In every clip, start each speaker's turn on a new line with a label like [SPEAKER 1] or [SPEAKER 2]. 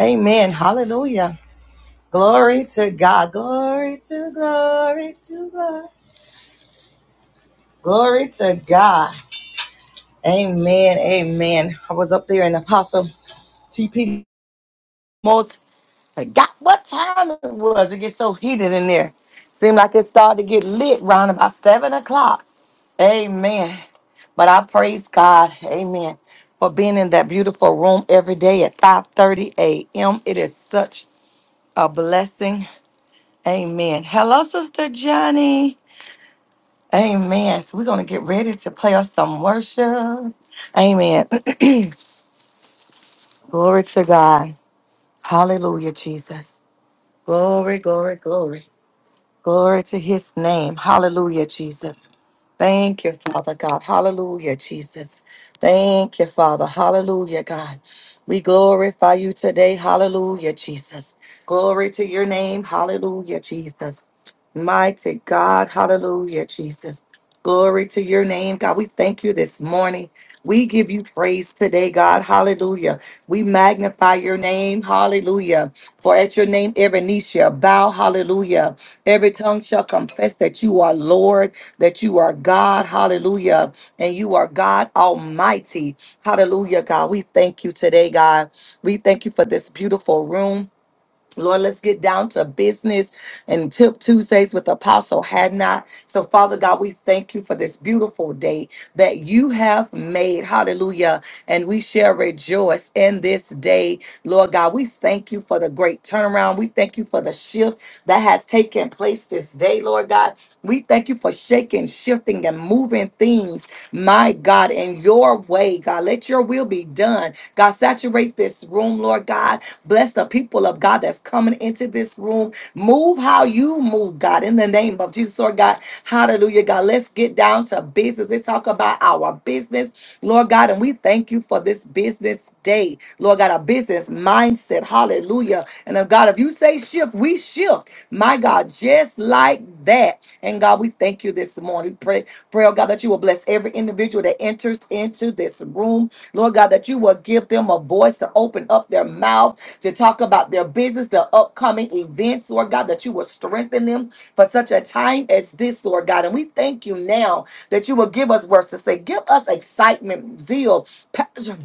[SPEAKER 1] Amen. Hallelujah. Glory to God. Glory to glory to God. Glory to God. Amen. Amen. I was up there in Apostle TP most forgot what time it was. It gets so heated in there. Seemed like it started to get lit round about seven o'clock. Amen. But I praise God, Amen, for being in that beautiful room every day at 5:30 a.m. It is such a blessing Amen. Hello, Sister Johnny. Amen. So we're going to get ready to play us some worship. Amen. glory to God. Hallelujah, Jesus. Glory, glory, glory. Glory to his name. Hallelujah, Jesus. Thank you, Father God. Hallelujah, Jesus. Thank you, Father. Hallelujah, God. We glorify you today. Hallelujah, Jesus. Glory to your name. Hallelujah, Jesus. Mighty God. Hallelujah, Jesus. Glory to your name, God. We thank you this morning. We give you praise today, God. Hallelujah. We magnify your name. Hallelujah. For at your name, every knee shall bow. Hallelujah Every tongue shall confess that you are Lord, that you are God. Hallelujah. And you are God Almighty. Hallelujah, God. We thank you today, God. We thank you for this beautiful room. Lord, let's get down to business and tip Tuesdays with Apostle Hadnot. So, Father God, we thank you for this beautiful day that you have made. Hallelujah. And we shall rejoice in this day. Lord God, we thank you for the great turnaround. We thank you for the shift that has taken place this day, Lord God. We thank you for shaking, shifting, and moving things, my God, in your way, God. Let your will be done. God, saturate this room, Lord God. Bless the people of God that's coming into this room. Move how you move, God, in the name of Jesus, Lord God. Hallelujah, God. Let's get down to business. Let's talk about our business, Lord God. And we thank you for this business day, Lord God, a business mindset said, Hallelujah. And uh, God, if you say shift, we shift. My God, just like that. And God, we thank you this morning. Pray, pray, oh God, that you will bless every individual that enters into this room. Lord God, that you will give them a voice to open up their mouth, to talk about their business, their upcoming events, Lord God, that you will strengthen them for such a time as this, Lord God. And we thank you now that you will give us words to say. Give us excitement, zeal, passion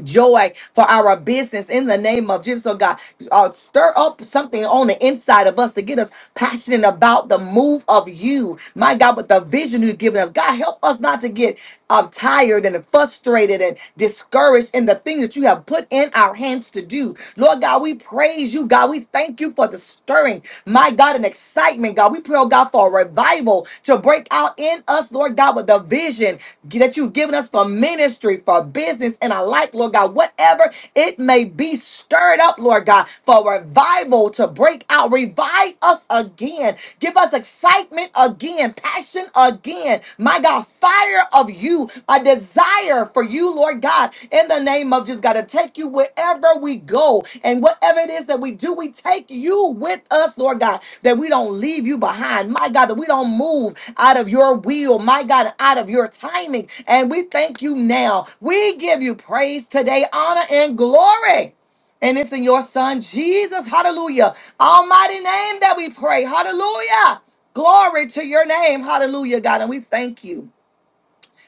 [SPEAKER 1] joy for our business in the name of Jesus. So God, uh, stir up something on the inside of us to get us passionate about the move of you, my God, with the vision you've given us. God, help us not to get um, tired and frustrated and discouraged in the things that you have put in our hands to do. Lord God, we praise you, God. We thank you for the stirring. My God, an excitement, God. We pray, oh God, for a revival to break out in us, Lord God, with the vision that you've given us for ministry, for business, and alike, Lord God. Whatever it may be, stirred up, Lord God, for revival to break out. Revive us again. Give us excitement again, passion again. My God, fire desire of you, a desire for you, Lord God, in the name of just God, to take you wherever we go and whatever it is that we do, we take you with us, Lord God, that we don't leave you behind, my God, that we don't move out of your will, my God, out of your timing. And we thank you now. We give you praise today, honor, and glory. And it's in your son, Jesus, hallelujah. Almighty name that we pray, hallelujah. Glory to your name, hallelujah, God. And we thank you.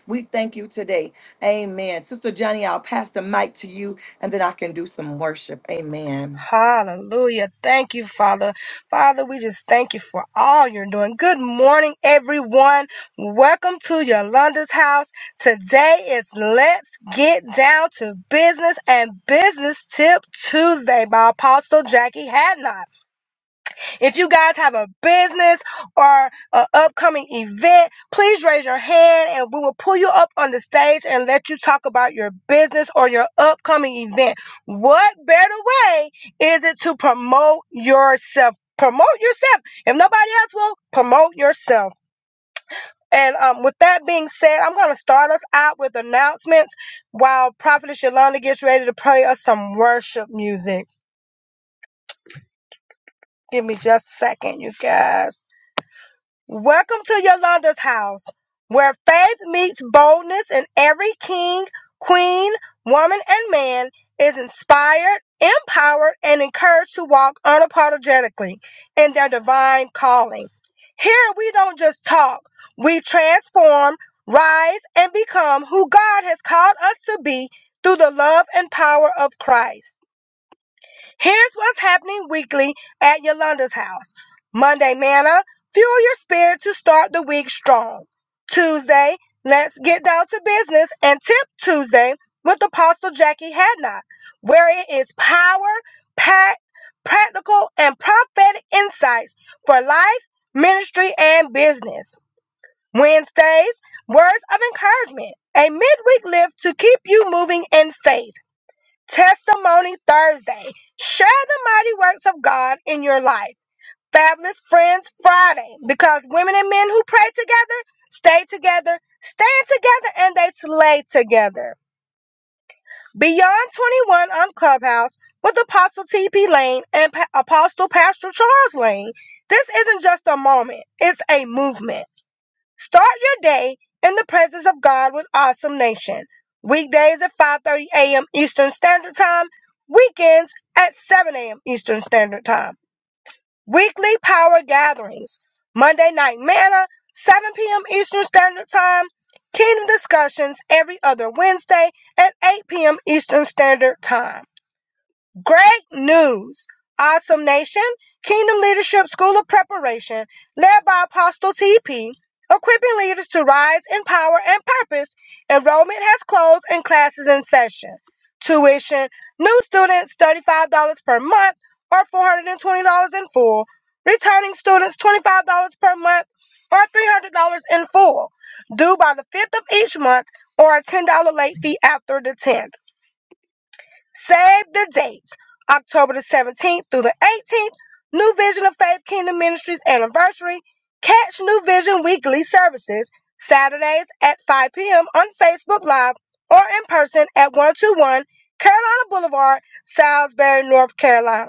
[SPEAKER 1] We thank you today. Amen. Sister Johnny, I'll pass the mic to you and then I can do some worship. Amen.
[SPEAKER 2] Hallelujah. Thank you, Father. Father, we just thank you for all you're doing. Good morning, everyone. Welcome to your Yolanda's house. Today is Let's Get Down to Business and Business Tip Tuesday by Apostle Jackie Hadnot. If you guys have a business or an upcoming event, please raise your hand and we will pull you up on the stage and let you talk about your business or your upcoming event. What better way is it to promote yourself? Promote yourself. If nobody else will, promote yourself. And um, with that being said, I'm going to start us out with announcements while Prophetess Yolanda gets ready to play us some worship music. Give me just a second, you guys. Welcome to Yolanda's house, where faith meets boldness, and every king, queen, woman, and man is inspired, empowered, and encouraged to walk unapologetically in their divine calling. Here we don't just talk, we transform, rise, and become who God has called us to be through the love and power of Christ. Here's what's happening weekly at Yolanda's house. Monday, Manna, fuel your spirit to start the week strong. Tuesday, let's get down to business and tip Tuesday with Apostle Jackie Hadnot, where it is power, packed, practical, and prophetic insights for life, ministry, and business. Wednesdays, words of encouragement, a midweek lift to keep you moving in faith. Testimony Thursday. Share the mighty works of God in your life. Fabulous Friends Friday. Because women and men who pray together, stay together, stand together, and they slay together. Beyond 21 on Clubhouse with Apostle T.P. Lane and pa- Apostle Pastor Charles Lane. This isn't just a moment, it's a movement. Start your day in the presence of God with Awesome Nation. Weekdays at 5:30 a.m. Eastern Standard Time, weekends at 7 a.m. Eastern Standard Time. Weekly power gatherings. Monday night manna, 7 p.m. Eastern Standard Time. Kingdom discussions every other Wednesday at 8 p.m. Eastern Standard Time. Great news! Awesome Nation, Kingdom Leadership School of Preparation, led by Apostle TP, equipping leaders to rise in power and purpose. Enrollment has closed and classes in session. Tuition, new students $35 per month or $420 in full. Returning students $25 per month or $300 in full, due by the 5th of each month or a $10 late fee after the 10th. Save the dates. October the 17th through the 18th, New Vision of Faith Kingdom Ministries anniversary. Catch New Vision weekly services Saturdays at 5 p.m. on Facebook Live or in person at 121 Carolina Boulevard, Salisbury, North Carolina.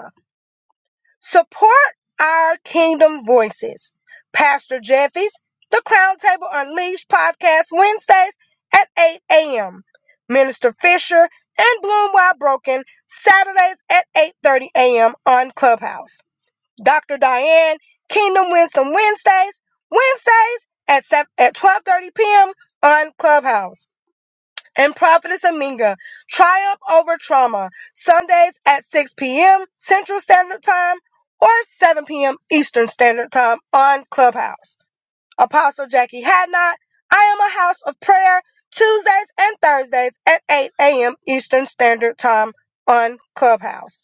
[SPEAKER 2] Support our kingdom voices. Pastor Jeffy's The Crown Table Unleashed podcast Wednesdays at 8 a.m. Minister Fisher and Bloom While Broken Saturdays at 8.30 a.m. on Clubhouse. Dr. Diane Kingdom Wisdom Wednesdays, Wednesdays at, 7, at 12.30 p.m. on Clubhouse and Prophetess Aminga, Triumph Over Trauma, Sundays at 6 p.m. Central Standard Time or 7 p.m. Eastern Standard Time on Clubhouse. Apostle Jackie Hadnot, I Am a House of Prayer, Tuesdays and Thursdays at 8 a.m. Eastern Standard Time on Clubhouse.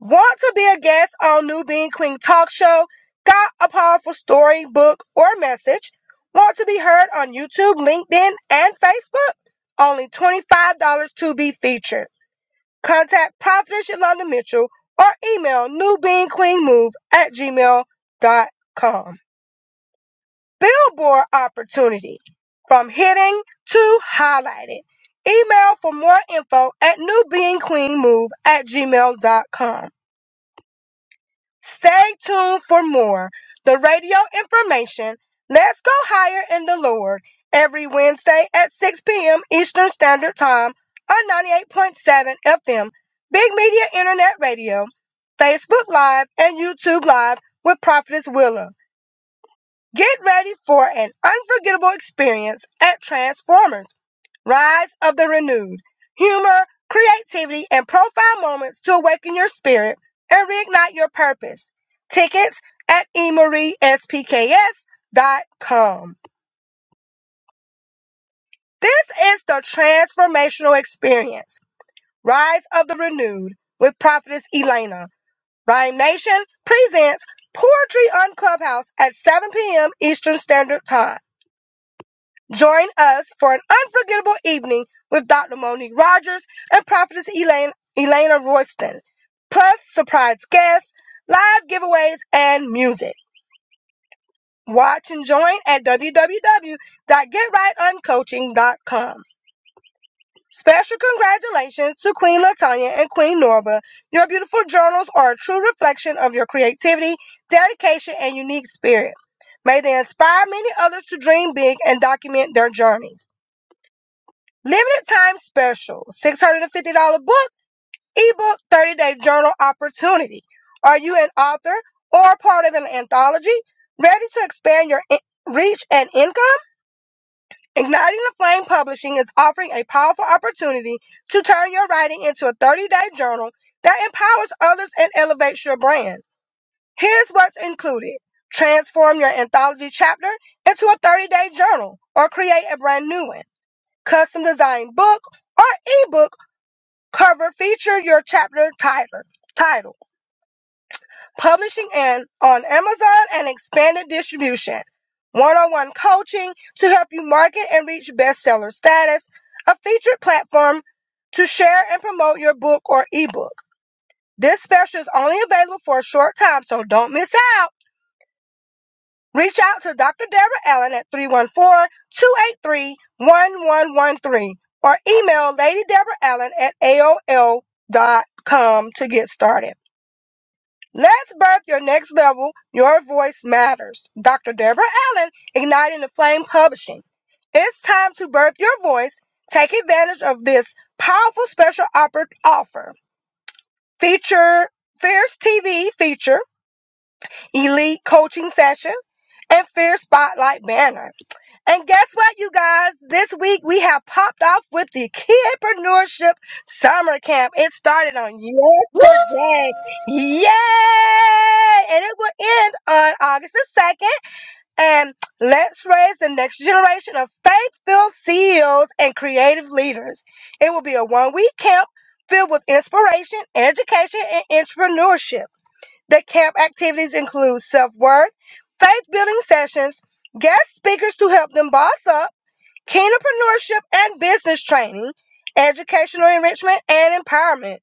[SPEAKER 2] Want to be a guest on New Being Queen Talk Show? Got a powerful story, book, or message? Want to be heard on YouTube, LinkedIn, and Facebook? Only $25 to be featured. Contact Prophetess Yolanda Mitchell or email newbeingqueenmove at gmail dot com. Billboard opportunity from hitting to highlighted. Email for more info at newbeingqueenmove at gmail dot com. Stay tuned for more. The radio information. Let's go higher in the Lord every Wednesday at 6 p.m. Eastern Standard Time on 98.7 FM, Big Media Internet Radio, Facebook Live, and YouTube Live with Prophetess Willa. Get ready for an unforgettable experience at Transformers. Rise of the renewed. Humor, creativity, and profile moments to awaken your spirit and reignite your purpose. Tickets at emariespks.com. This is the transformational experience. Rise of the renewed with Prophetess Elena. Rhyme Nation presents Poetry on Clubhouse at 7 p.m. Eastern Standard Time. Join us for an unforgettable evening with Dr. Monique Rogers and Prophetess Elaine, Elena Royston, plus surprise guests, live giveaways, and music. Watch and join at www.getrightoncoaching.com. Special congratulations to Queen Latanya and Queen Norva. Your beautiful journals are a true reflection of your creativity, dedication, and unique spirit. May they inspire many others to dream big and document their journeys. Limited time special, $650 book, ebook, 30 day journal opportunity. Are you an author or part of an anthology? Ready to expand your in- reach and income? Igniting the Flame Publishing is offering a powerful opportunity to turn your writing into a 30 day journal that empowers others and elevates your brand. Here's what's included. Transform your anthology chapter into a 30 day journal or create a brand new one. Custom designed book or ebook cover feature your chapter title, title publishing and on Amazon and expanded distribution, one-on-one coaching to help you market and reach bestseller status, a featured platform to share and promote your book or ebook. This special is only available for a short time, so don't miss out. Reach out to Dr. Deborah Allen at three one four two eight three one one one three or email Lady Deborah Allen at A O L dot com to get started. Let's birth your next level. Your voice matters. Dr. Deborah Allen, Igniting the Flame Publishing. It's time to birth your voice. Take advantage of this powerful special offer. Feature Fierce TV feature, Elite Coaching Session, and Fierce Spotlight Banner. And guess what, you guys? This week we have popped off with the Kidpreneurship Summer Camp. It started on
[SPEAKER 1] Woo!
[SPEAKER 2] yesterday. Yay! And it will end on August the 2nd. And let's raise the next generation of faith-filled CEOs and creative leaders. It will be a one-week camp filled with inspiration, education, and entrepreneurship. The camp activities include self-worth, faith-building sessions, guest speakers to help them boss up, entrepreneurship and business training, educational enrichment and empowerment,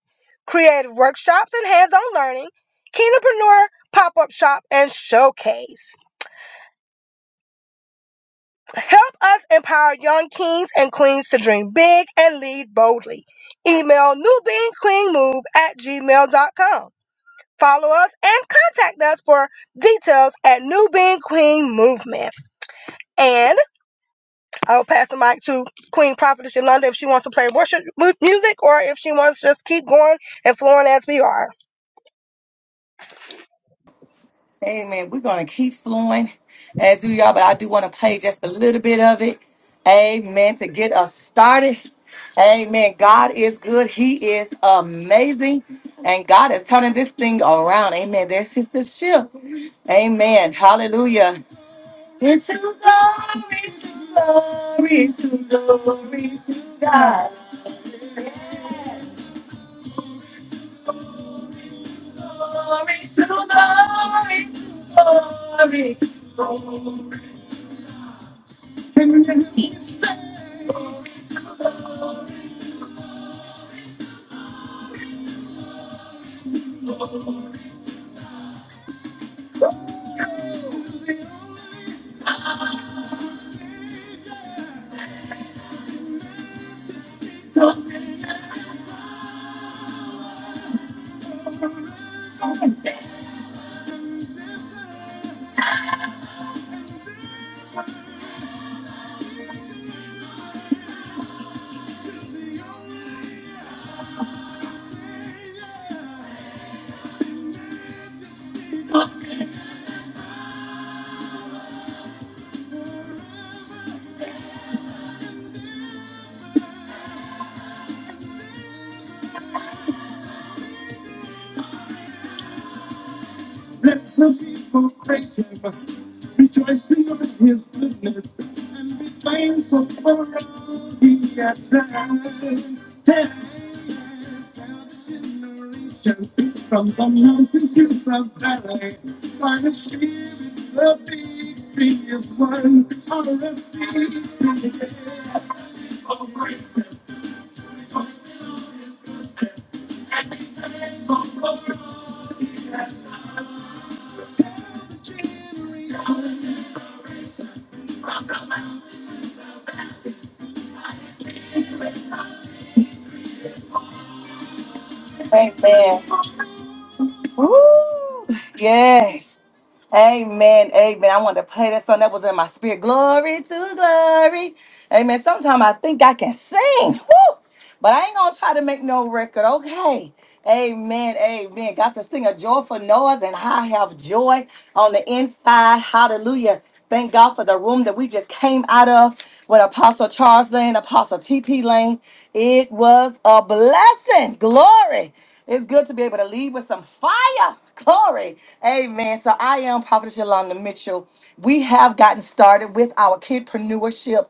[SPEAKER 2] creative workshops and hands-on learning, keenpreneur pop-up shop and showcase. Help us empower young kings and queens to dream big and lead boldly. Email newbeingqueenmove at gmail.com. Follow us and contact us for details at New Being Queen Movement. And I'll pass the mic to Queen Prophetess Yolanda if she wants to play worship mu- music or if she wants to just keep going and flowing as we are.
[SPEAKER 1] Amen. We're going to keep flowing as we are, but I do want to play just a little bit of it. Amen. To get us started. Amen. God is good. He is amazing. And God is turning this thing around. Amen. There's his the shift. Amen. Hallelujah. Amen. Woo! Yes. Amen. Amen. I wanted to play that song that was in my spirit. Glory to glory. Amen. Sometimes I think I can sing. Woo! But I ain't gonna try to make no record. Okay. Amen. Amen. God said, sing a joyful noise, and I have joy on the inside. Hallelujah. Thank God for the room that we just came out of with Apostle Charles Lane, Apostle TP Lane. It was a blessing. Glory. It's good to be able to leave with some fire. Glory. Amen. So I am Prophetess Yolanda Mitchell. We have gotten started with our kidpreneurship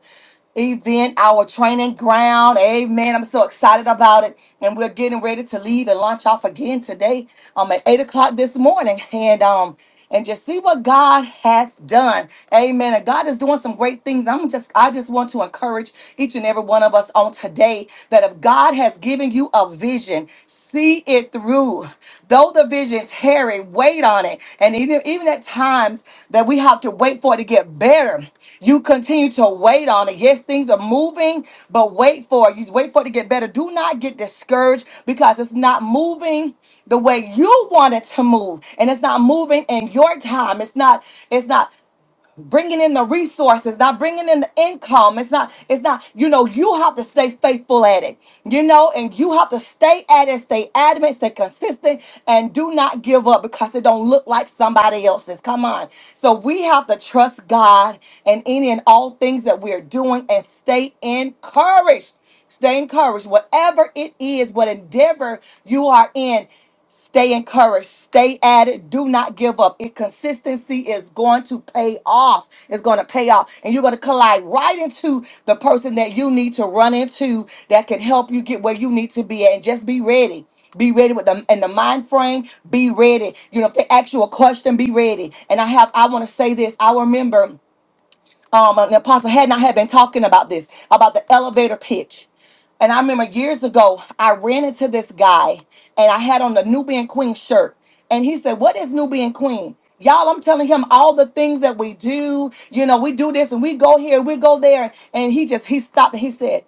[SPEAKER 1] event, our training ground. Amen. I'm so excited about it. And we're getting ready to leave and launch off again today um, at 8 o'clock this morning. And um, and just see what God has done. Amen. And God is doing some great things. I'm just I just want to encourage each and every one of us on today that if God has given you a vision, see it through. Though the vision tarry, wait on it. And even even at times times that we have to wait for it to get better. You continue to wait on it. Yes, things are moving, but wait for it. You wait for it to get better. Do not get discouraged because it's not moving the way you want it to move and it's not moving in your time it's not it's not bringing in the resources, not bringing in the income. It's not, it's not, you know, you have to stay faithful at it, you know, and you have to stay at it, stay adamant, stay consistent, and do not give up because it don't look like somebody else's. Come on. So we have to trust God in any and all things that we're doing and stay encouraged. Stay encouraged. Whatever it is, what endeavor you are in, stay encouraged. Stay at it. Do not give up. It consistency is going to pay off. It's going to pay off. And you're going to collide right into the person that you need to run into that can help you get where you need to be at. And just be ready. Be ready with them in the mind frame. Be ready. You know, if they ask you a question, be ready. And I have, I want to say this. I remember um, and Apostle had I had been talking about this about the elevator pitch. And I remember years ago, I ran into this guy, and I had on the Nubian Queen shirt, and he said, "What is Nubian Queen?" Y'all, I'm telling him all the things that we do. You know, we do this and we go here, we go there, and he just he stopped and he said.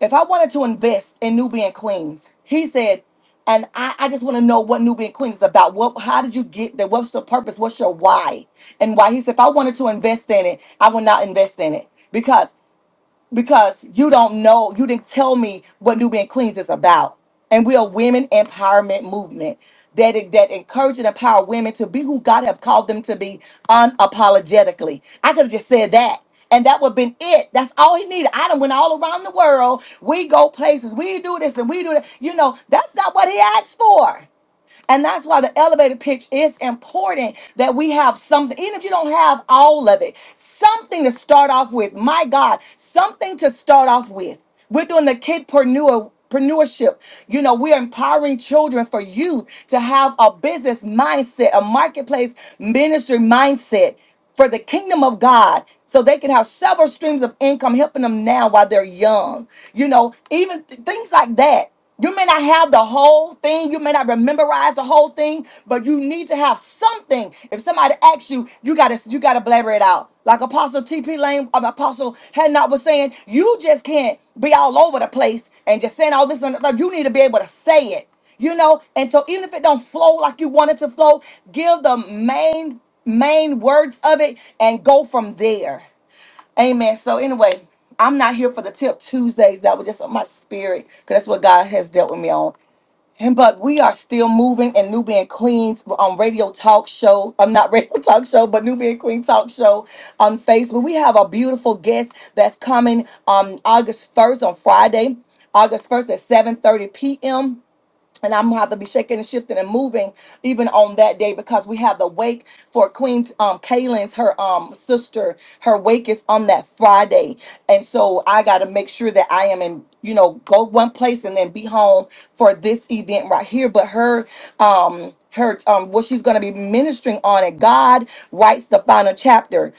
[SPEAKER 1] If I wanted to invest in Nubian Queens, he said, and I, I just want to know what Nubian Queens is about. What how did you get there? What's the purpose? What's your why? And why he said, if I wanted to invest in it, I would not invest in it. Because because you don't know, you didn't tell me what Nubian Queens is about. And we are women empowerment movement that that encourage and empower women to be who God have called them to be unapologetically. I could have just said that. And that would have been it. That's all he needed. I done went all around the world. We go places. We do this and we do that. You know, that's not what he asked for. And that's why the elevator pitch is important that we have something, even if you don't have all of it, something to start off with. My God, something to start off with. We're doing the kidpreneur. Entrepreneurship. You know, we're empowering children for youth to have a business mindset, a marketplace ministry mindset for the kingdom of God so they can have several streams of income helping them now while they're young. You know, even th- things like that. You may not have the whole thing, you may not memorize the whole thing, but you need to have something. If somebody asks you, you gotta you gotta blabber it out. Like Apostle TP Lane, um, Apostle Hadnot was saying, you just can't be all over the place and just saying all this. and- Like you need to be able to say it, you know. And so even if it don't flow like you want it to flow, give the main main words of it and go from there. Amen. So anyway, I'm not here for the tip Tuesdays. That was just on my spirit because that's what God has dealt with me on. And but we are still moving and New Being Queens on radio talk show. I'm not radio talk show, but New Being Queen talk show on Facebook. We have a beautiful guest that's coming um August 1st on Friday, August 1st at 7:30 p.m and I'm gonna have to be shaking and shifting and moving even on that day because we have the wake for Queen um Kaylin's her um sister. Her wake is on that Friday. And so I gotta make sure that I am in, you know, go one place and then be home for this event right here. But her um her um what she's gonna be ministering on it, God writes the final chapter.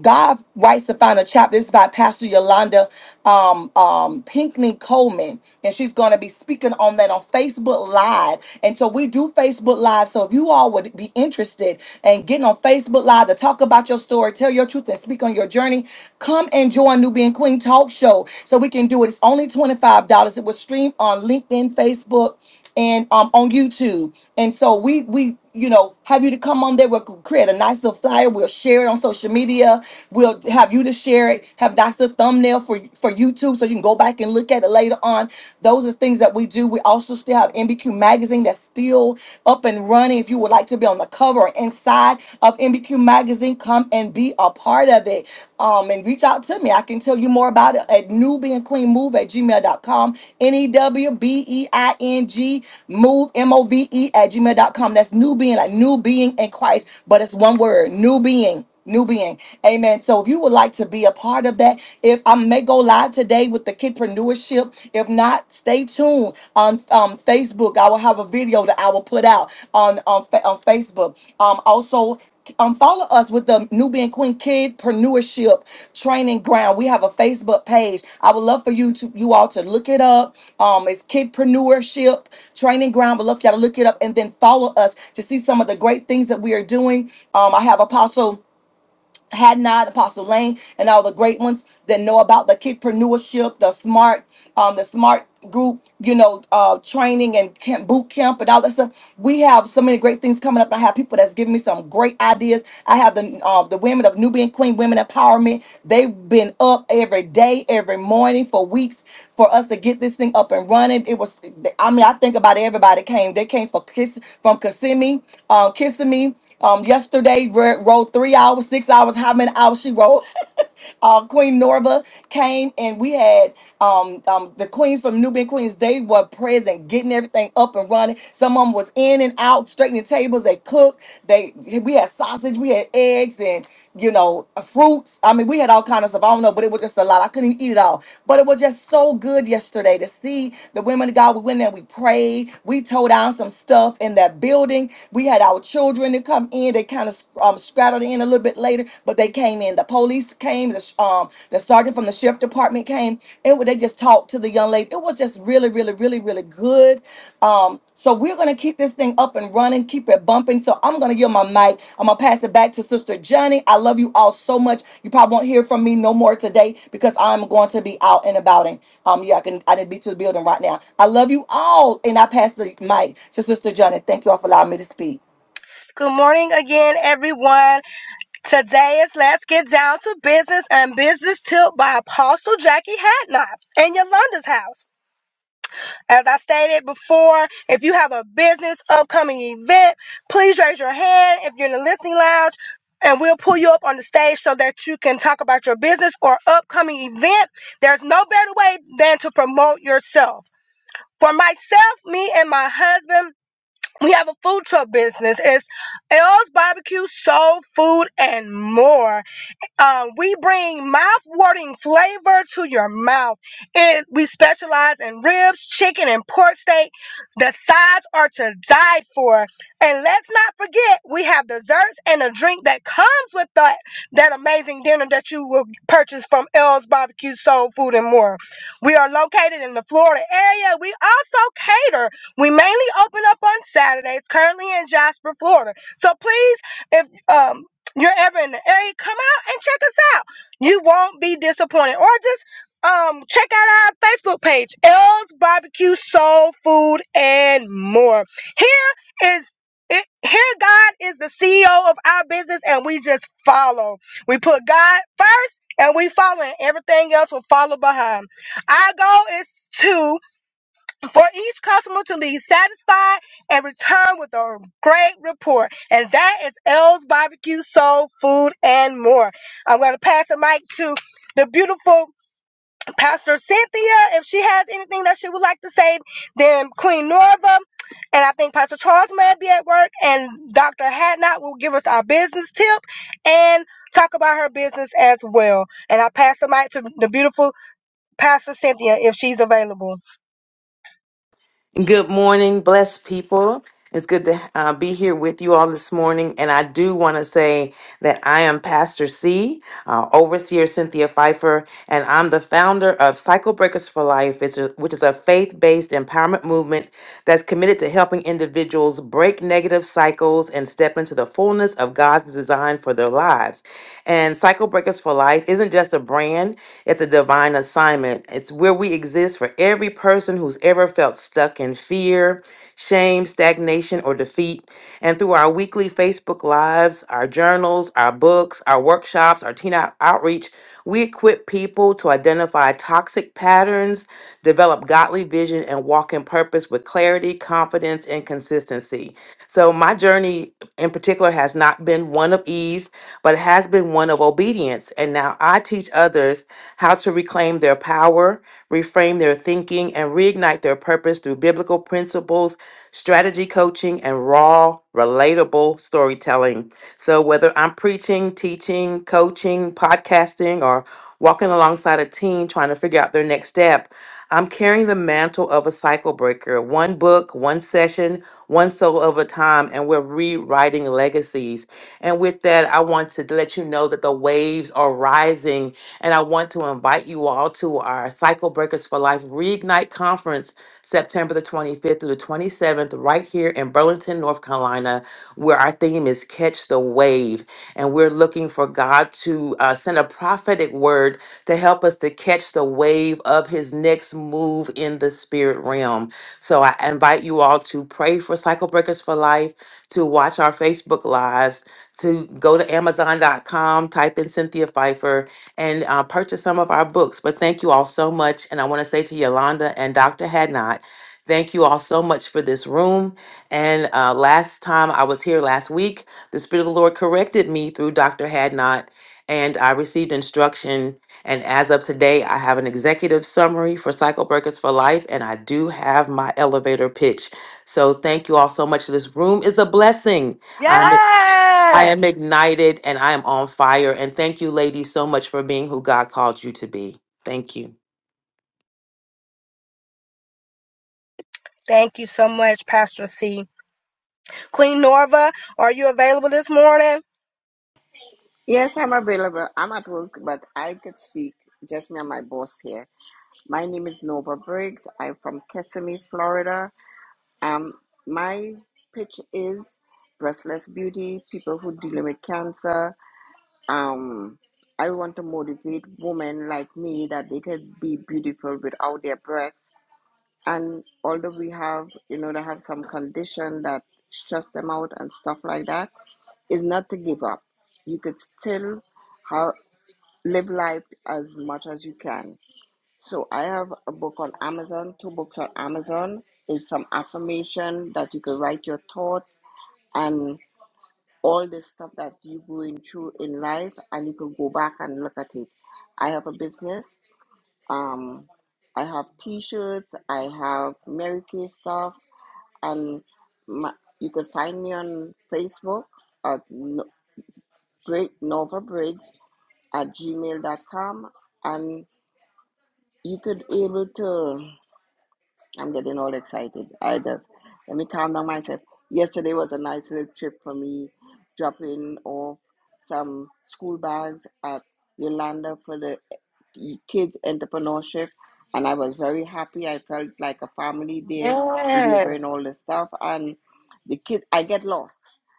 [SPEAKER 1] God writes the final chapter. This is by Pastor Yolanda um, um, Pinkney Coleman, and she's going to be speaking on that on Facebook Live. And so we do Facebook Live. So if you all would be interested in getting on Facebook Live to talk about your story, tell your truth, and speak on your journey, come and join Nubian Queen Talk Show so we can do it. It's only $25. It was streamed on LinkedIn, Facebook, and um, on YouTube. And so we we you know, have you to come on there. We'll create a nice little flyer. We'll share it on social media. We'll have you to share it. Have nice little thumbnail for for YouTube so you can go back and look at it later on. Those are things that we do. We also still have MBQ magazine that's still up and running. If you would like to be on the cover or inside of MBQ magazine, come and be a part of it. Um, and reach out to to me. I can tell you more about it at newbieandqueenmove at gmail dot com. N-E-W-B-E-I-N-G move M-O-V-E M O V E at gmail dot com. That's new being, like new being in Christ, but it's one word, new being new being. Amen. So if you would like to be a part of that, if I may go live today with the kidpreneurship, if not, stay tuned on um, Facebook. I will have a video that I will put out on on, Fa- on Facebook. Um, also um, follow us with the Nubian Queen Kid Preneurship Training Ground. We have a Facebook page. I would love for you to you all to look it up. Um, it's Kidpreneurship Training Ground. Would love for y'all to look it up and then follow us to see some of the great things that we are doing. Um, I have Apostle had not Apostle Lane and all the great ones that know about the kidpreneurship, the smart, um, the smart group, you know, uh, training and camp, boot camp and all that stuff. We have so many great things coming up. I have people that's giving me some great ideas. I have the uh, the women of Nubian Queen Women Empowerment. They've been up every day, every morning for weeks for us to get this thing up and running. It was, I mean, I think about everybody came. They came for kiss from Kissimmee, uh, Kissimmee. Um, yesterday re- rode three hours, six hours, how many hours she rode? uh, Queen Norva came and we had um, um, the queens from Nubian Queens. They were present, getting everything up and running. Some of them was in and out, straightening tables. They cooked. They we had sausage, we had eggs, and you know fruits. I mean, we had all kind of stuff. I don't know, but it was just a lot. I couldn't even eat it all. But it was just so good yesterday to see the women of God. We went there, we prayed, we tore down some stuff in that building. We had our children to come in. They kind of um, scattered in a little bit later, but they came in. The police came. The sh- um the sergeant from the sheriff department came. It wa- they just talked to the young lady. It was just really, really, really, really good. Um, so we're gonna keep this thing up and running, keep it bumping. So I'm gonna give my mic. I'm gonna pass it back to Sister Johnny. I love you all so much. You probably won't hear from me no more today because I'm going to be out and about. And um, yeah, I can I didn't be to the building right now. I love you all, and I pass the mic to Sister Johnny. Thank you all for allowing me to speak.
[SPEAKER 2] Good morning again, everyone. Today is Let's Get Down to Business and Business Tilt by Apostle Jackie Hadnot in Yolanda's house. As I stated before, if you have a business upcoming event, please raise your hand if you're in the listening lounge and we'll pull you up on the stage so that you can talk about your business or upcoming event. There's no better way than to promote yourself. For myself, me and my husband, we have a food truck business. It's L's Barbecue, Soul Food, and more. Um, we bring mouth-watering flavor to your mouth. It, we specialize in ribs, chicken, and pork steak. The sides are to die for. And let's not forget, we have desserts and a drink that comes with that, that amazing dinner that you will purchase from L's Barbecue Soul Food and More. We are located in the Florida area. We also cater. We mainly open up on Saturdays, currently in Jasper, Florida. So please, if um, you're ever in the area, come out and check us out. You won't be disappointed. Or just um check out our Facebook page, L's Barbecue Soul Food and More. Here is it, here God is the CEO of our business and we just follow. We put God first and we follow and everything else will follow behind. Our goal is to for each customer to leave satisfied and return with a great report. And that is L's Barbecue Soul Food and More. I'm going to pass the mic to the beautiful Pastor Cynthia. If she has anything that she would like to say, then Queen Norva. And I think Pastor Charles may be at work and Dr. Hadnot will give us our business tip and talk about her business as well. And I pass the mic to the beautiful Pastor Cynthia if she's available.
[SPEAKER 3] Good morning, blessed people. It's good to uh, be here with you all this morning. And I do want to say that I am Pastor C, uh, Overseer Cynthia Pfeiffer, and I'm the founder of Cycle Breakers for Life, it's a- which is a faith based empowerment movement that's committed to helping individuals break negative cycles and step into the fullness of God's design for their lives. And Cycle Breakers for Life isn't just a brand, it's a divine assignment. It's where we exist for every person who's ever felt stuck in fear, shame shame, stagnation, or defeat. And through our weekly Facebook Lives, our journals, our books, our workshops, our teen out- outreach, we equip people to identify toxic patterns, develop godly vision, and walk in purpose with clarity, confidence, and consistency. So, my journey in particular has not been one of ease, but it has been one of obedience. And now I teach others how to reclaim their power, reframe their thinking, and reignite their purpose through biblical principles strategy coaching, and raw, relatable storytelling. So, whether I'm preaching, teaching, coaching, podcasting, or walking alongside a team trying to figure out their next step, I'm carrying the mantle of a cycle breaker, one book, one session, one soul of a time, and we're rewriting legacies. And with that, I want to let you know that the waves are rising, and I want to invite you all to our Cycle Breakers for Life Reignite Conference, September the 25th through the 27th, right here in Burlington, North Carolina, where our theme is Catch the Wave. And we're looking for God to uh, send a prophetic word to help us to catch the wave of his next move in the spirit realm. So I invite you all to pray for Cycle Breakers for Life, to watch our Facebook lives, to go to Amazon.com, type in Cynthia Pfeiffer, and uh, purchase some of our books. But thank you all so much. And I want to say to Yolanda and Dr. Hadnot, thank you all so much for this room. And uh, last time I was here last week, the Spirit of the Lord corrected me through Dr. Hadnot, and I received instruction and as of today, I have an executive summary for Cycle Breakers for Life, and I do have my elevator pitch. So thank you all so much. This room is a blessing. I'm, I
[SPEAKER 1] Yes.
[SPEAKER 3] am ignited and I am on fire. And thank you, ladies, so much for being who God called you to be. Thank you.
[SPEAKER 2] Thank you so much, Pastor C. Queen Norva, are you available this morning?
[SPEAKER 4] Yes, I'm available. I'm at work, but I could speak. Just me and my boss here. My name is Nova Briggs. I'm from Kissimmee, Florida. Um, my pitch is breastless beauty, people who dealing with cancer. Um, I want to motivate women like me that they could be beautiful without their breasts. And although we have, you know, they have some condition that stress them out and stuff like that, is not to give up. You could still have live life as much as you can. So I have a book on Amazon, two books on Amazon. Is some affirmation that you can write your thoughts and all the stuff that you are going through in life, and you can go back and look at it. I have a business. Um, I have T-shirts. I have Mary Kay stuff, and my, you can find me on Facebook at no, Great Nova Briggs at gmail.com and you could able to i'm getting all excited i just let me calm down myself yesterday was a nice little trip for me dropping off some school bags at yolanda for the kids entrepreneurship and I was very happy. I felt like a family there delivering
[SPEAKER 1] Yes.
[SPEAKER 4] all the stuff and the kid I get lost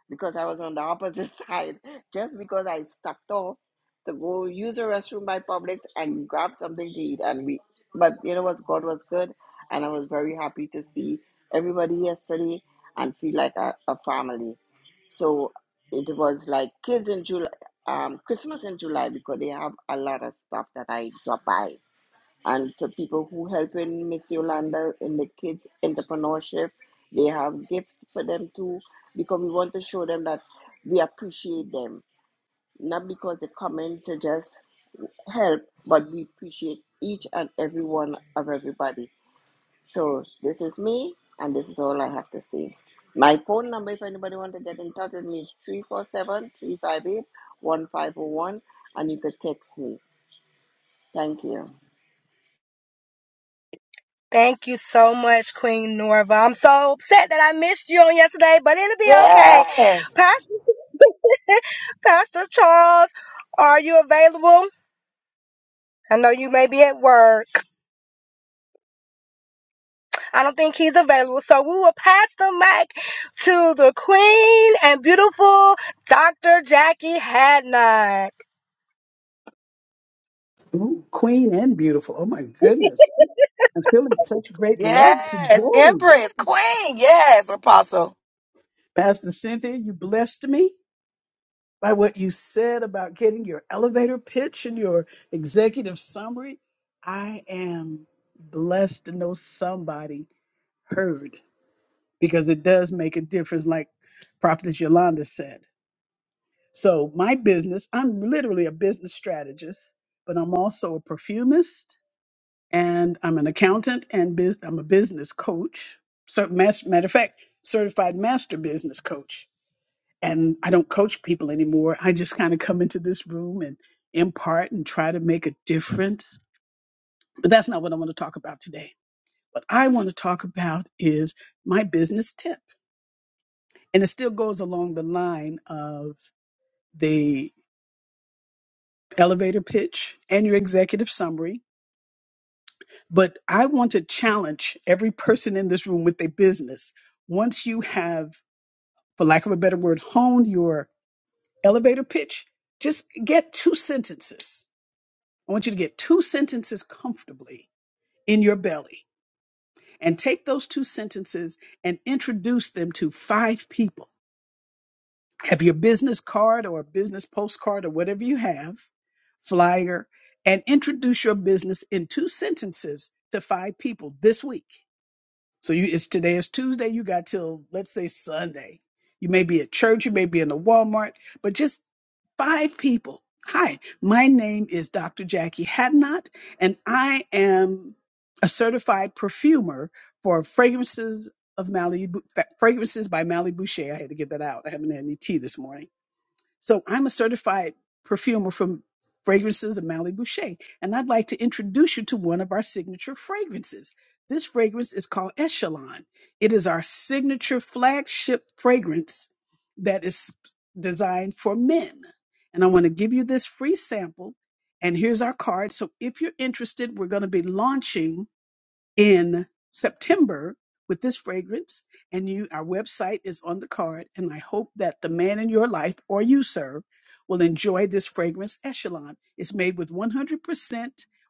[SPEAKER 4] because I was on the opposite side just because I stuck off to go use a restroom by Publix and grab something to eat and we but you know what God was good and I was very happy to see everybody yesterday and feel like a, a family. So it was like kids in July um, Christmas in July because they have a lot of stuff that I drop by. And for people who help in Miss Yolanda in the kids entrepreneurship, they have gifts for them too because we want to show them that we appreciate them, not because they come in to just help, but we appreciate each and every one of everybody. So this is me, and this is all I have to say. My phone number, if anybody want to get in touch with me, is 347 358 1501, and you could text me. Thank you.
[SPEAKER 2] Thank you so much, Queen Norva. I'm so upset that I missed you on yesterday, but it'll be okay.
[SPEAKER 1] Yes.
[SPEAKER 2] Pastor, Pastor Charles, are you available? I know you may be at work. I don't think he's available. So we will pass the mic to the queen and beautiful Dr. Jackie Hadnot.
[SPEAKER 5] Ooh, queen and beautiful. Oh my goodness. I'm feeling such great love
[SPEAKER 1] Yes.
[SPEAKER 5] today.
[SPEAKER 1] Empress, Queen. Yes, Apostle.
[SPEAKER 5] Pastor Cynthia, you blessed me by what you said about getting your elevator pitch and your executive summary. I am blessed to know somebody heard because it does make a difference, like Prophetess Yolanda said. So, my business, I'm literally a business strategist, but I'm also a perfumist. and I'm an accountant and bus- I'm a business coach. So, mas- matter of fact, certified master business coach. And I don't coach people anymore. I just kind of come into this room and impart and try to make a difference. But that's not what I want to talk about today. What I want to talk about is my business tip. And it still goes along the line of the elevator pitch and your executive summary But I want to challenge every person in this room with their business. Once you have, for lack of a better word, honed your elevator pitch, just get two sentences. I want you to get two sentences comfortably in your belly and take those two sentences and introduce them to five people. Have your business card or business postcard or whatever you have, flyer, and introduce your business in two sentences to five people this week So you it's today is Tuesday, you got till let's say Sunday. You may be at church, you may be in the Walmart, but just five people. Hi, my name is Dr. Jackie Hadnot, and I am a certified perfumer for fragrances of Malibu fragrances by Malibu Shea. I had to get that out. I haven't had any tea this morning so I'm a certified perfumer from Fragrances of Mally Boucher, and I'd like to introduce you to one of our signature fragrances. This fragrance is called Echelon. It is our signature flagship fragrance that is designed for men. And I want to give you this free sample. And here's our card. So if you're interested, we're going to be launching in September with this fragrance. And you, our website is on the card. And I hope that the man in your life or you, sir, will enjoy this fragrance echelon. It's made with 100%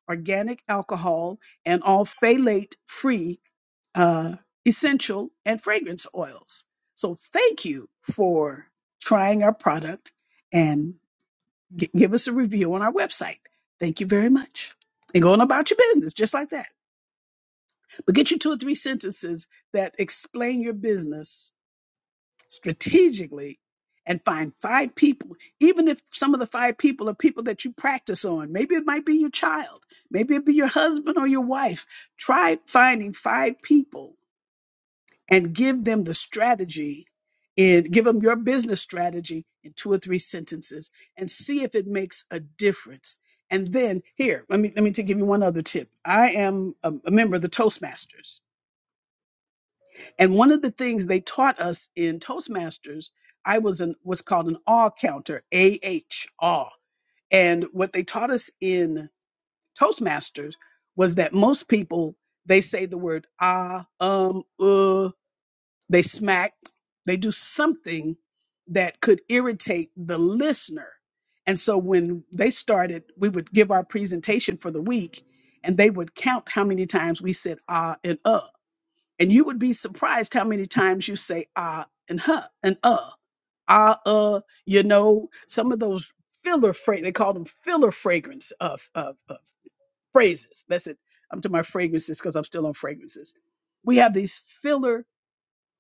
[SPEAKER 5] organic alcohol and all phthalate free uh, essential and fragrance oils. So thank you for trying our product and gi- give us a review on our website. Thank you very much. And going about your business just like that. But get you two or three sentences that explain your business strategically and find five people, even if some of the five people are people that you practice on. Maybe it might be your child, maybe it be your husband or your wife. Try finding five people and give them the strategy and give them your business strategy in two or three sentences and see if it makes a difference. And then here, let me let me to give you one other tip. I am a, a member of the Toastmasters. And one of the things they taught us in Toastmasters, I was in what's called an awe counter, AH, awe. And what they taught us in Toastmasters was that most people, they say the word ah, um, uh, they smack, they do something that could irritate the listener. And so when they started, we would give our presentation for the week and they would count how many times we said ah and uh. And you would be surprised how many times you say ah and huh and uh. Ah, uh, you know, some of those filler fra- they call them filler fragrance of, of, of phrases. That's it. I'm to my fragrances because I'm still on fragrances. We have these filler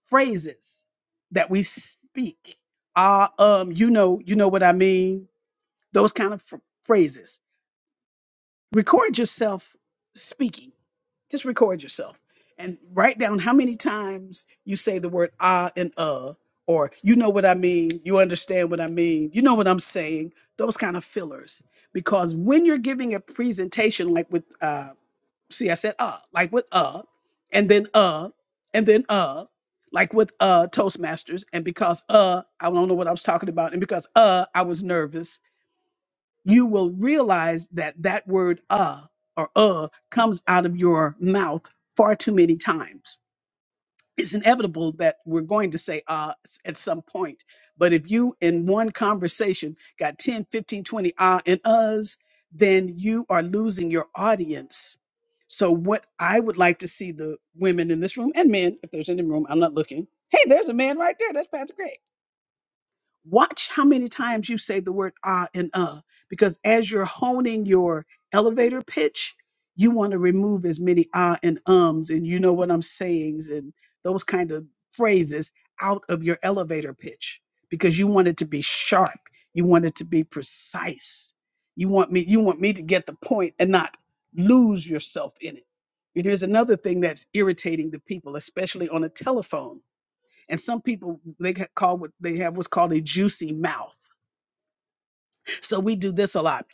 [SPEAKER 5] phrases that we speak. Ah, um, you know, you know what I mean. Those kind of ph- phrases. Record yourself speaking Just record yourself and write down how many times you say the word ah and uh, or you know what I mean, you understand what I mean, you know what I'm saying, those kind of fillers. Because when you're giving a presentation, like with, uh, see, I said uh, like with uh, and then uh, and then uh, like with uh Toastmasters, and because uh, I don't know what I was talking about, and because uh, I was nervous you will realize that that word uh or uh comes out of your mouth far too many times. It's inevitable that we're going to say ah s- at some point. But if you in one conversation got 10, 15, 20 ah and uhs, then you are losing your audience. So what I would like to see the women in this room and men, if there's any room, I'm not looking. Hey, there's a man right there. That's Pastor Greg watch how many times you say the word ah and uh, because as you're honing your elevator pitch, you want to remove as many ah and ums and you know what I'm sayings and those kind of phrases out of your elevator pitch because you want it to be sharp. You want it to be precise. You want me, you want me to get the point and not lose yourself in it. And here's another thing that's irritating the people, especially on a telephone and some people they ca- call what they have what's called a juicy mouth. So we do this a lot.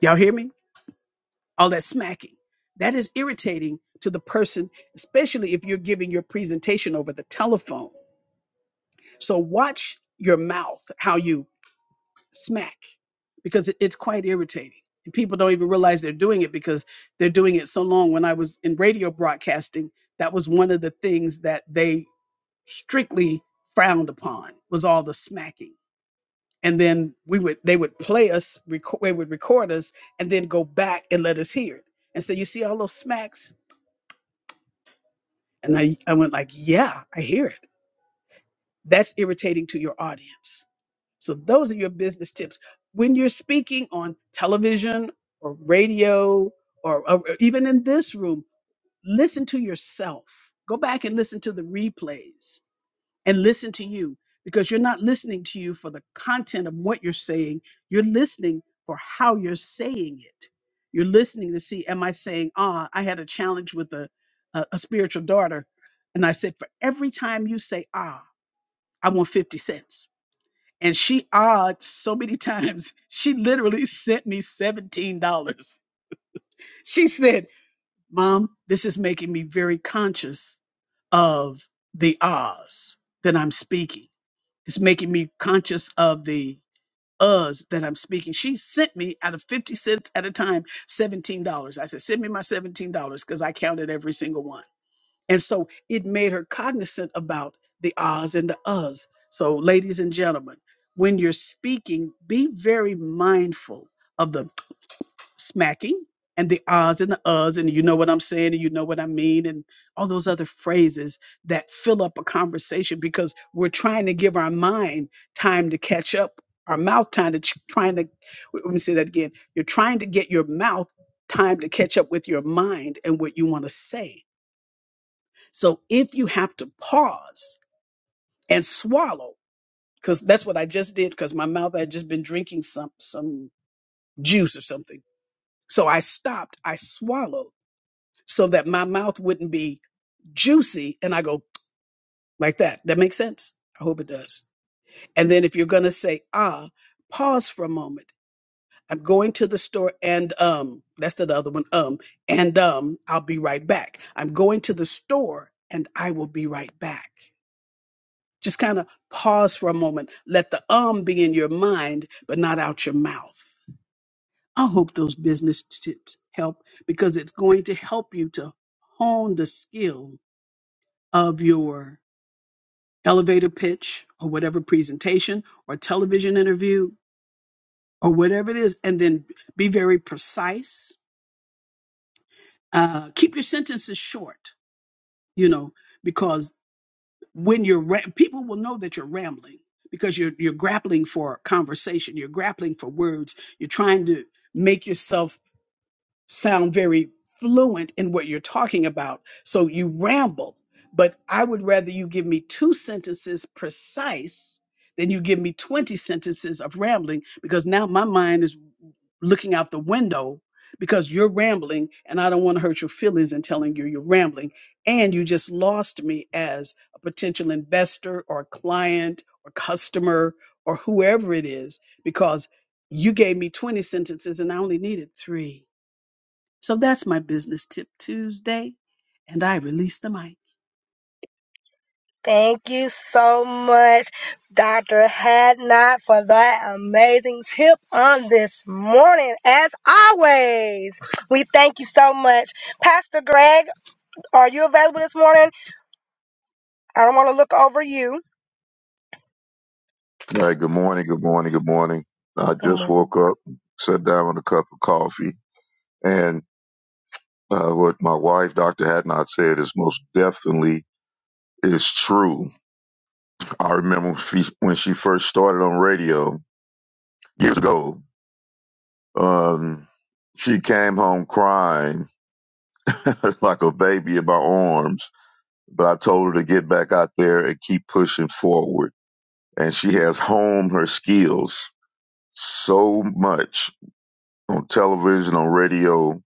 [SPEAKER 5] Y'all hear me? All that smacking. That is irritating to the person, especially if you're giving your presentation over the telephone. So watch your mouth, how you smack, because it- it's quite irritating. And people don't even realize they're doing it because they're doing it so long. When I was in radio broadcasting, that was one of the things that they strictly frowned upon was all the smacking and then we would they would play us record they would record us and then go back and let us hear it and so you see all those smacks and i i went like yeah i hear it that's irritating to your audience so those are your business tips when you're speaking on television or radio or, or even in this room listen to yourself go back and listen to the replays and listen to you because you're not listening to you for the content of what you're saying. You're listening for how you're saying it. You're listening to see, am I saying, ah, I had a challenge with a, a, a spiritual daughter. And I said, for every time you say, ah, I want 50 cents. And she odd so many times, she literally sent me $17. She said, Mom, this is making me very conscious of the ahs that I'm speaking it's making me conscious of the uhs that I'm speaking. She sent me out of 50 cents at a time, $17. I said, send me my $17 because I counted every single one. And so it made her cognizant about the ahs and the uhs. So, ladies and gentlemen, when you're speaking, be very mindful of the smacking and the ahs and the uhs and you know what I'm saying and you know what I mean and all those other phrases that fill up a conversation because we're trying to give our mind time to catch up, our mouth time to ch- trying to w- let me say that again. You're trying to get your mouth time to catch up with your mind and what you want to say. So if you have to pause and swallow, because that's what I just did, because my mouth had just been drinking some some juice or something. So I stopped, I swallowed so that my mouth wouldn't be juicy and I go like that. That makes sense? I hope it does. And then if you're going to say ah, pause for a moment. I'm going to the store and um that's the other one um and um I'll be right back. I'm going to the store and I will be right back. Just kind of pause for a moment. Let the um be in your mind but not out your mouth. I hope those business tips help because it's going to help you to hone the skill of your elevator pitch or whatever presentation or television interview or whatever it is, and then be very precise. Uh, keep your sentences short, you know, because when you're ra- people will know that you're rambling because you're you're grappling for conversation, you're grappling for words, you're trying to make yourself sound very fluent in what you're talking about. So you ramble, but I would rather you give me two sentences precise than you give me 20 sentences of rambling because now my mind is looking out the window because you're rambling and I don't want to hurt your feelings in telling you you're rambling. And you just lost me as a potential investor or client or customer or whoever it is because you gave me 20 sentences and I only needed three. So that's my business tip Tuesday, and I release the mic.
[SPEAKER 2] Thank you so much, Dr. Hadnot, for that amazing tip on this morning. As always, we thank you so much. Pastor Greg, are you available this morning? I don't want to look over you.
[SPEAKER 6] All right, good morning, good morning, good morning. I
[SPEAKER 2] Good
[SPEAKER 6] just
[SPEAKER 2] morning.
[SPEAKER 6] woke up, sat down with a cup of coffee, and uh, what my wife, Dr. Hadnot, said is most definitely is true. I remember when she, when she first started on radio years ago, um, she came home crying like a baby in my arms, but I told her to get back out there and keep pushing forward. And she has honed her skills so much on television, on radio,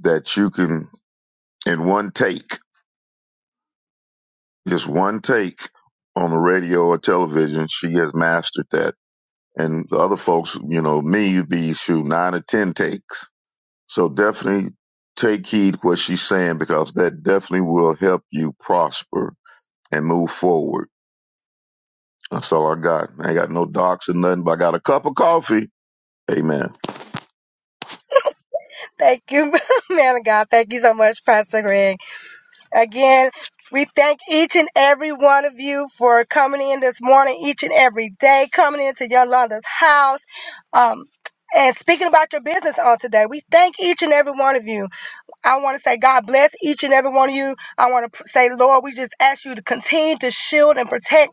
[SPEAKER 6] that you can, in one take, just one take on the radio or television, she has mastered that. And the other folks, you know, me, you'd be shoot nine or 10 takes. So definitely take heed what she's saying because that definitely will help you prosper and move forward. That's all I got. I ain't got no docs or nothing, but I got a cup of coffee. Amen.
[SPEAKER 2] Thank you, man of God. Thank you so much, Pastor Greg. Again, we thank each and every one of you for coming in this morning, each and every day, coming into Yolanda's house, um, and speaking about your business on today. We thank each and every one of you. I want to say God bless each and every one of you. I want to say, Lord, we just ask you to continue to shield and protect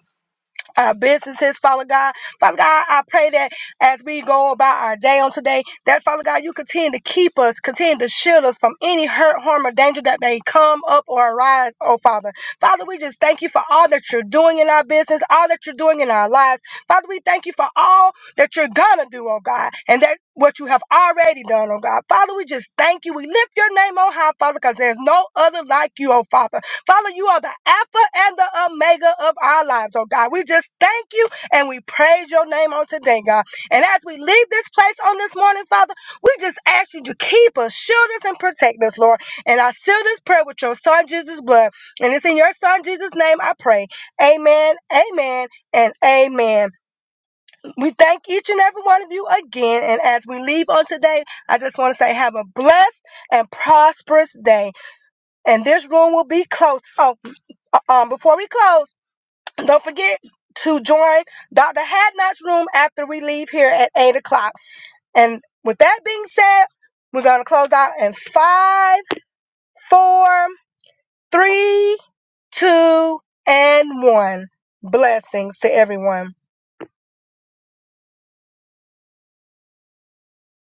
[SPEAKER 2] our businesses, Father God. Father God, I pray that as we go about our day on today, that Father God, you continue to keep us, continue to shield us from any hurt, harm, or danger that may come up or arise, oh Father. Father, we just thank you for all that you're doing in our business, all that you're doing in our lives. Father, we thank you for all that you're gonna do, oh God, and that what you have already done, oh God. Father, we just thank you. We lift your name on high, Father, because there's no other like you, oh Father. Father, you are the Alpha and the Omega of our lives, oh God. We just thank you and we praise your name on today, God. And as we leave this place on this morning, Father, we just ask you to keep us, shield us, and protect us, Lord. And I seal this prayer with your Son, Jesus' blood. And it's in your Son, Jesus' name I pray. Amen, amen, and amen. We thank each and every one of you again. And as we leave on today, I just want to say, have a blessed and prosperous day. And this room will be closed. Oh, um, before we close, don't forget to join Dr. Hadnot's room after we leave here at 8 o'clock. And with that being said, we're going to close out in five, four, three, two, and 1. Blessings to everyone.